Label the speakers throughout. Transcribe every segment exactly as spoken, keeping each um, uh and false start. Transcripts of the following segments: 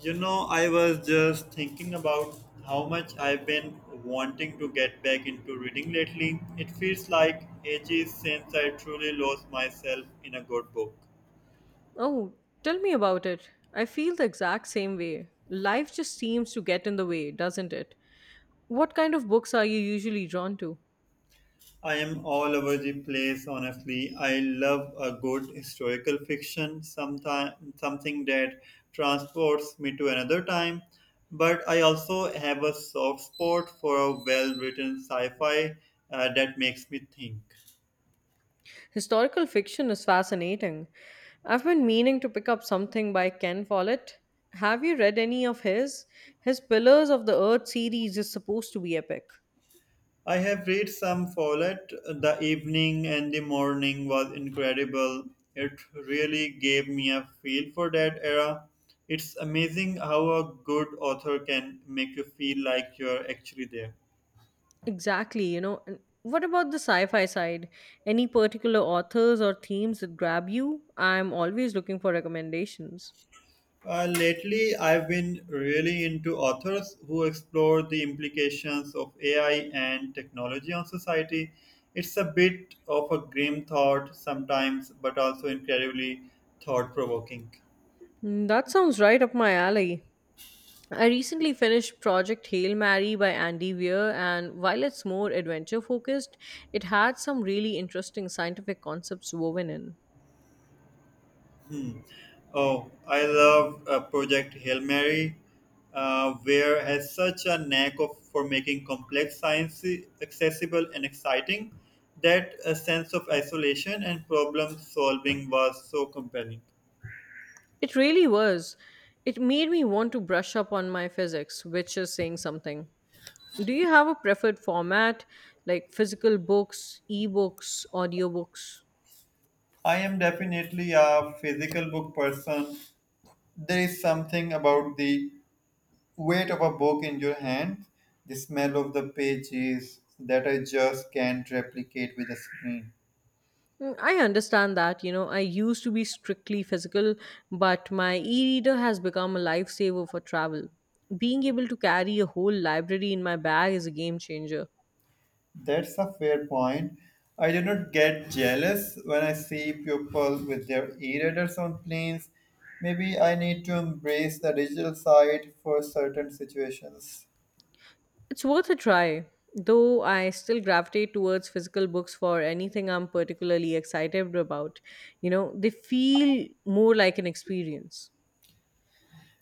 Speaker 1: You know, I was just thinking about how much I've been wanting to get back into reading lately. It feels like ages since I truly lost myself in a good book.
Speaker 2: Oh, tell me about it. I feel the exact same way. Life just seems to get in the way, doesn't it? What kind of books are you usually drawn to?
Speaker 1: I am all over the place, honestly. I love a good historical fiction, sometime, something that transports me to another time. But I also have a soft spot for a well written sci fi uh, that makes me think.
Speaker 2: Historical fiction is fascinating. I've been meaning to pick up something by Ken Follett. Have you read any of his? His Pillars of the Earth series is supposed to be epic.
Speaker 1: I have read some Follett. The evening and the morning was incredible. It really gave me a feel for that era. It's amazing how a good author can make you feel like you're actually there.
Speaker 2: Exactly, you know. And what about the sci fi side? Any particular authors or themes that grab you? I'm always looking for recommendations.
Speaker 1: Uh, lately, I've been really into authors who explore the implications of A I and technology on society. It's a bit of a grim thought sometimes, but also incredibly thought provoking.
Speaker 2: Mm, That sounds right up my alley. I recently finished Project Hail Mary by Andy Weir, and while it's more adventure focused, it had some really interesting scientific concepts woven in.
Speaker 1: Hmm. Oh, I love uh, Project Hail Mary, uh, where has such a knack of, for making complex science accessible and exciting that a sense of isolation and problem solving was so compelling.
Speaker 2: It really was. It made me want to brush up on my physics, which is saying something. Do you have a preferred format, like physical books, ebooks, audiobooks?
Speaker 1: I am definitely a physical book person. There is something about the weight of a book in your hand, the smell of the pages that I just can't replicate with a screen.
Speaker 2: Mm, I understand that. You know, I used to be strictly physical, but my e reader has become a lifesaver for travel. Being able to carry a whole library in my bag is a game changer.
Speaker 1: That's a fair point. I do not get jealous when I see people with their e-readers on planes. Maybe I need to embrace the digital side for certain situations.
Speaker 2: It's worth a try, though I still gravitate towards physical books for anything I'm particularly excited about. You know, they feel more like an experience.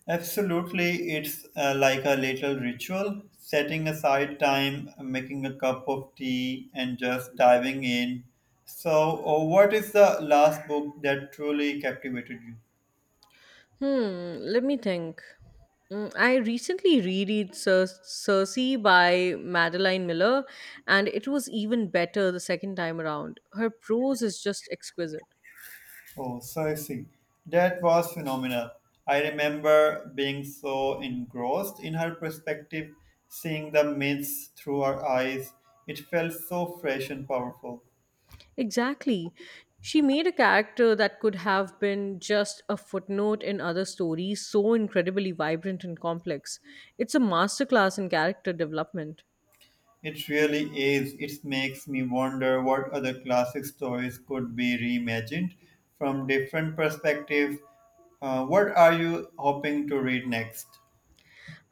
Speaker 1: Absolutely, it's uh, like a little ritual, setting aside time, making a cup of tea, and just diving in. So, uh, what is the last book that truly captivated you?
Speaker 2: Hmm, let me think. Mm, I recently reread Cer- Circe by Madeline Miller, and it was even better the second time around. Her prose is just exquisite.
Speaker 1: Oh, Cersei. That was phenomenal. I remember being so engrossed in her perspective, seeing the myths through her eyes. It felt so fresh and powerful.
Speaker 2: Exactly. She made a character that could have been just a footnote in other stories so incredibly vibrant and complex. It's a masterclass in character development.
Speaker 1: It really is. It makes me wonder what other classic stories could be reimagined from different perspectives. Uh, what are you hoping to read next?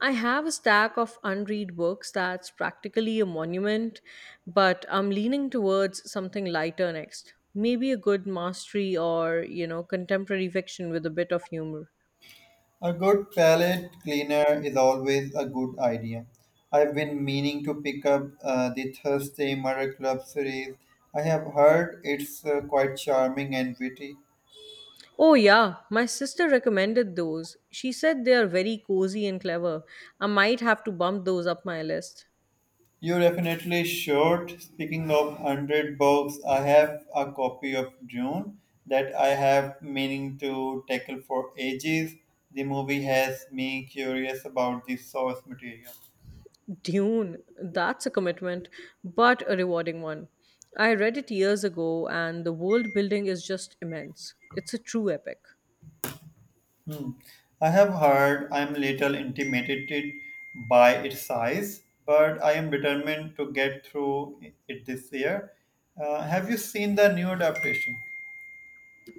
Speaker 2: I have a stack of unread books that's practically a monument, but I'm leaning towards something lighter next. Maybe a good mastery or, you know, contemporary fiction with a bit of humor.
Speaker 1: A good palette cleaner is always a good idea. I've been meaning to pick up uh, the Thursday Murder Club series. I have heard it's uh, quite charming and witty.
Speaker 2: Oh, yeah, my sister recommended those. She said they are very cozy and clever. I might have to bump those up my list.
Speaker 1: You definitely should. Speaking of one hundred books, I have a copy of Dune that I have meaning to tackle for ages. The movie has me curious about the source material.
Speaker 2: Dune, that's a commitment, but a rewarding one. I read it years ago, and the world building is just immense. It's a true epic.
Speaker 1: Hmm. I have heard I am a little intimidated by its size, but I am determined to get through it this year. Uh, have you seen the new adaptation?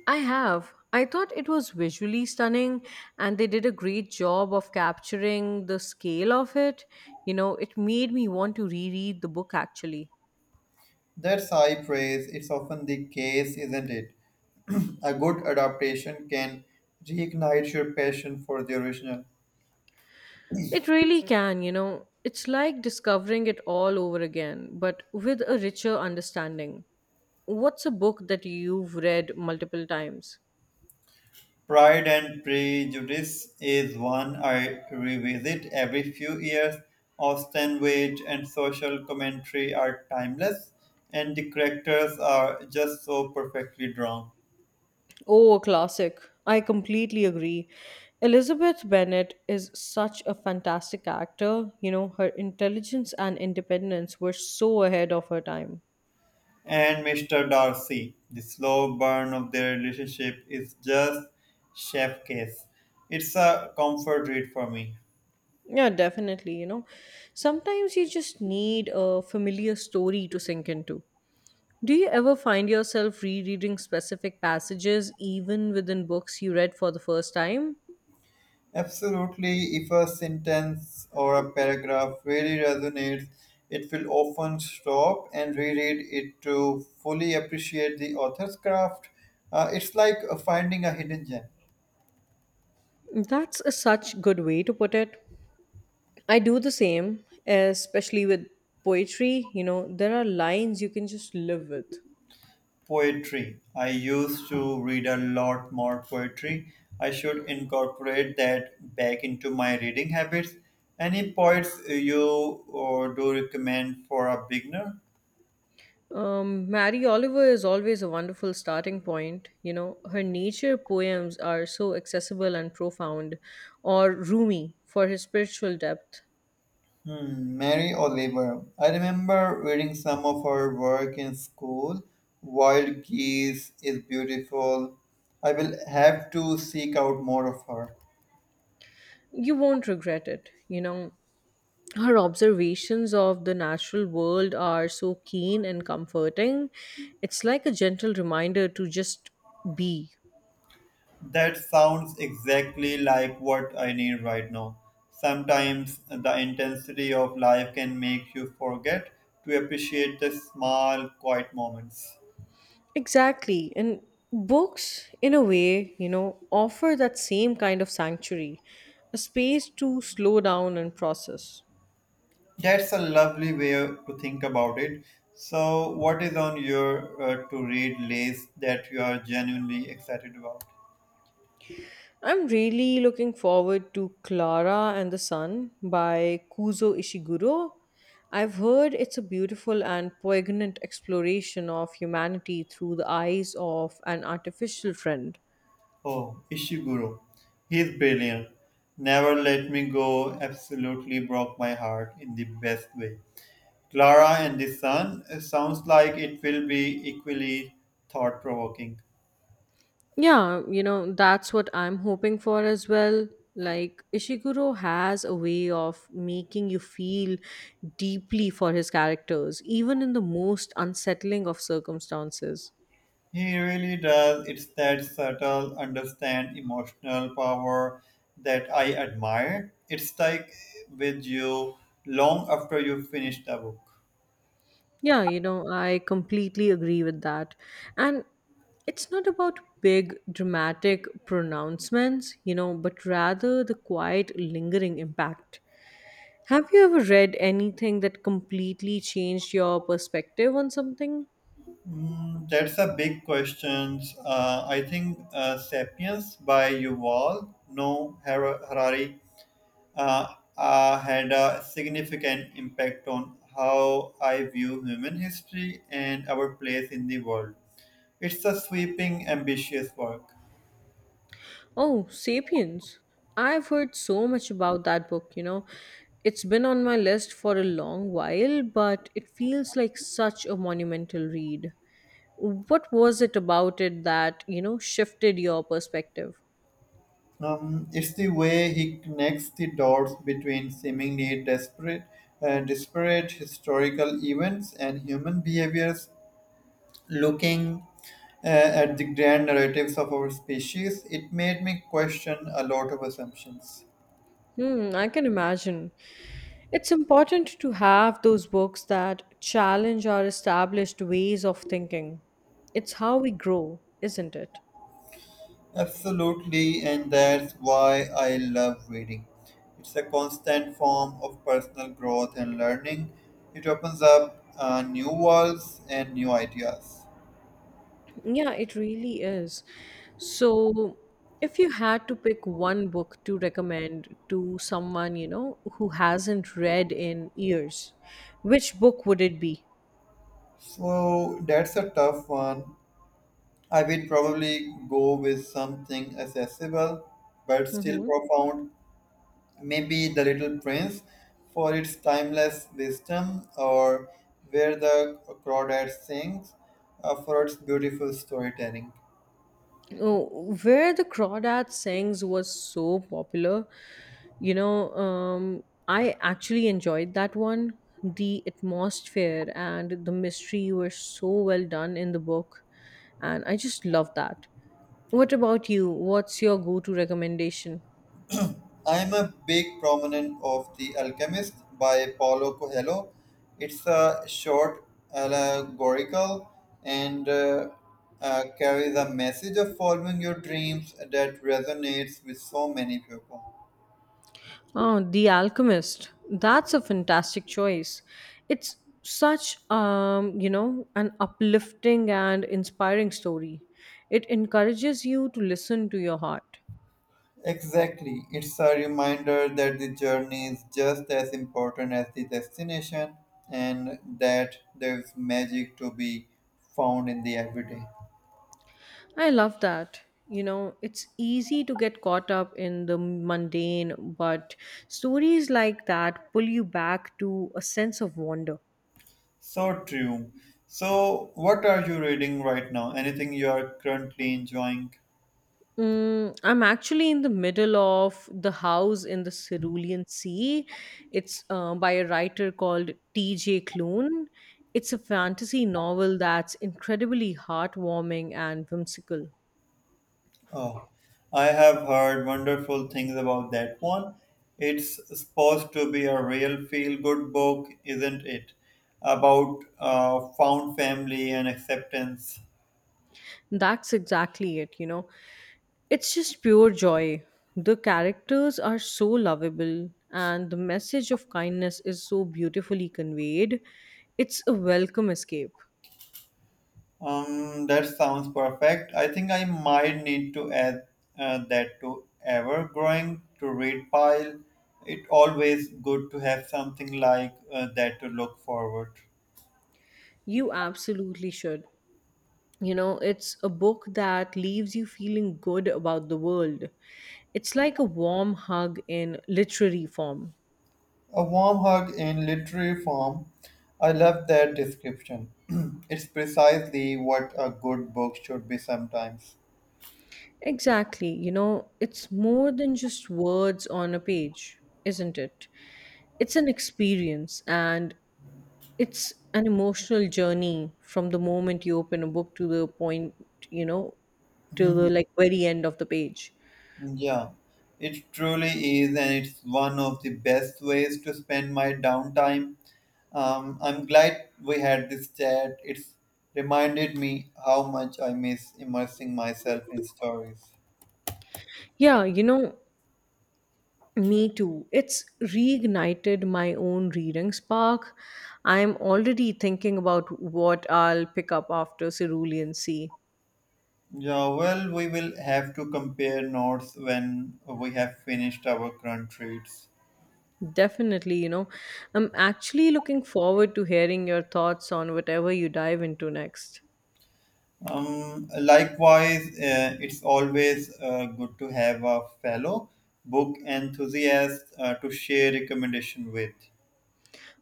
Speaker 2: I have. I thought it was visually stunning and they did a great job of capturing the scale of it. You know, it made me want to reread the book actually.
Speaker 1: That's high praise. It's often the case, isn't it? A good adaptation can reignite your passion for the original.
Speaker 2: It really can, you know. It's like discovering it all over again, but with a richer understanding. What's a book that you've read multiple times?
Speaker 1: Pride and Prejudice is one I revisit every few years. Austen Wade and social commentary are timeless, and the characters are just so perfectly drawn.
Speaker 2: Oh, a classic. I completely agree. Elizabeth Bennet is such a fantastic actor. You know, her intelligence and independence were so ahead of her time.
Speaker 1: And mister Darcy, the slow burn of their relationship is just chef case. It's a comfort read for me.
Speaker 2: Yeah, definitely, you know. Sometimes you just need a familiar story to sink into. Do you ever find yourself rereading specific passages even within books you read for the first time?
Speaker 1: Absolutely, if a sentence or a paragraph really resonates, it will often stop and reread it to fully appreciate the author's craft. Uh, it's like uh, finding a hidden gem.
Speaker 2: That's a such good way to put it. I do the same, especially with poetry. You know, there are lines you can just live with.
Speaker 1: Poetry. I used to read a lot more poetry. I should incorporate that back into my reading habits. Any poets uh, you uh, do recommend for a beginner?
Speaker 2: Um, Mary Oliver is always a wonderful starting point. You know, her nature poems are so accessible and profound, or Rumi for his spiritual depth.
Speaker 1: Hmm, Mary Oliver. I remember reading some of her work in school. Wild Geese is beautiful. I will have to seek out more of her.
Speaker 2: You won't regret it. You know, her observations of the natural world are so keen and comforting. It's like a gentle reminder to just be.
Speaker 1: That sounds exactly like what I need right now. Sometimes the intensity of life can make you forget to appreciate the small, quiet moments.
Speaker 2: Exactly. And books, in a way, you know, offer that same kind of sanctuary, a space to slow down and process.
Speaker 1: That's a lovely way to think about it. So, what is on your uh, to read list that you are genuinely excited about?
Speaker 2: I'm really looking forward to Clara and the Sun by Kuzo Ishiguro. I've heard it's a beautiful and poignant exploration of humanity through the eyes of an artificial friend.
Speaker 1: Oh, Ishiguro. He's brilliant. Never Let Me Go absolutely broke my heart in the best way. Clara and the Sun uh, sounds like it will be equally thought provoking.
Speaker 2: Yeah, you know, that's what I'm hoping for as well. Like, Ishiguro has a way of making you feel deeply for his characters, even in the most unsettling of circumstances.
Speaker 1: He really does. It's that subtle, understand emotional power that I admire. It stuck with you long after you finish the book.
Speaker 2: Yeah, you know, I completely agree with that. And it's not about big dramatic pronouncements, you know, but rather the quiet, lingering impact. Have you ever read anything that completely changed your perspective on something?
Speaker 1: Mm, that's a big question. Uh, I think uh, *Sapiens* by Yuval Noah Har- Harari uh, uh, had a significant impact on how I view human history and our place in the world. It's a sweeping, ambitious work.
Speaker 2: Oh, Sapiens. I've heard so much about that book, you know. It's been on my list for a long while, but it feels like such a monumental read. What was it about it that, you know, shifted your perspective?
Speaker 1: Um, it's the way he connects the dots between seemingly desperate, uh, disparate historical events and human behaviors. Looking uh, at the grand narratives of our species, it made me question a lot of assumptions.
Speaker 2: Hmm, I can imagine. It's important to have those books that challenge our established ways of thinking. It's how we grow, isn't it?
Speaker 1: Absolutely, and that's why I love reading. It's a constant form of personal growth and learning. It opens up uh, new worlds and new ideas.
Speaker 2: Yeah, it really is. So, if you had to pick one book to recommend to someone, you know, who hasn't read in years, which book would it be?
Speaker 1: So that's a tough one. I will probably go with something accessible but still
Speaker 2: Mm-hmm.
Speaker 1: profound. Maybe The Little Prince for its timeless wisdom, or Where the Crawdad Sings uh, for its beautiful storytelling.
Speaker 2: Oh, Where the Crawdad Sings was so popular. You know, um, I actually enjoyed that one. The atmosphere and the mystery were so well done in the book, and I just love that. What about you? What's your go-to recommendation?
Speaker 1: I'm a big proponent of The Alchemist by Paulo Coelho. It's a short, allegorical, and uh, uh, carries a message of following your dreams that resonates with so many people.
Speaker 2: Oh, The Alchemist. That's a fantastic choice. It's such um, you know, an uplifting and inspiring story. It encourages you to listen to your heart.
Speaker 1: Exactly. It's a reminder that the journey is just as important as the destination and that there's magic to be found in the everyday.
Speaker 2: I love that. You know, it's easy to get caught up in the mundane, but stories like that pull you back to a sense of wonder.
Speaker 1: So true. So, what are you reading right now? Anything you are currently enjoying?
Speaker 2: Mm, I'm actually in the middle of The House in the Cerulean Sea. It's uh, by a writer called T J. Klune. It's a fantasy novel that's incredibly heartwarming and whimsical.
Speaker 1: Oh, I have heard wonderful things about that one. It's supposed to be a real feel good book, isn't it? About uh, found family and acceptance.
Speaker 2: That's exactly it, you know. It's just pure joy. The characters are so lovable, and the message of kindness is so beautifully conveyed. It's a welcome escape.
Speaker 1: Um, that sounds perfect. I think I might need to add uh, that to ever growing to read pile. It always good to have something like uh, that to look forward.
Speaker 2: You absolutely should. You know, it's a book that leaves you feeling good about the world. It's like a warm hug in literary form.
Speaker 1: A warm hug in literary form. I love that description. It's precisely what a good book should be sometimes.
Speaker 2: Exactly. You know, it's more than just words on a page, isn't it? It's an experience and it's an emotional journey from the moment you open a book to the point, you know, to
Speaker 1: Mhm.
Speaker 2: the like very end of the page.
Speaker 1: Yeah, it truly is, and it's one of the best ways to spend my downtime. Um, I'm glad we had this chat. It's reminded me how much I miss immersing myself in stories.
Speaker 2: Yeah, you know, me too. It's reignited my own reading spark. I'm already thinking about what I'll pick up after Cerulean Sea.
Speaker 1: Yeah, well, we will have to compare notes when we have finished our current reads.
Speaker 2: Definitely, you know, I'm actually looking forward to hearing your thoughts on whatever you dive into next.
Speaker 1: Um, likewise, uh, it's always uh, good to have a fellow book enthusiast uh, to share recommendation with.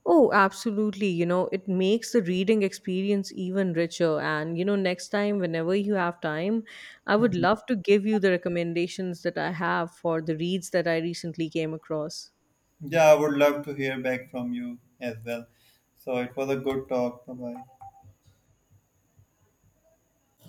Speaker 2: Oh, absolutely. You know, it makes the reading experience even richer. And, you know, next time, whenever you have time, I would love to give you the recommendations that I have for the reads that I recently came across.
Speaker 1: Yeah, I would love to hear back from you as well. So it was a good talk. Bye bye.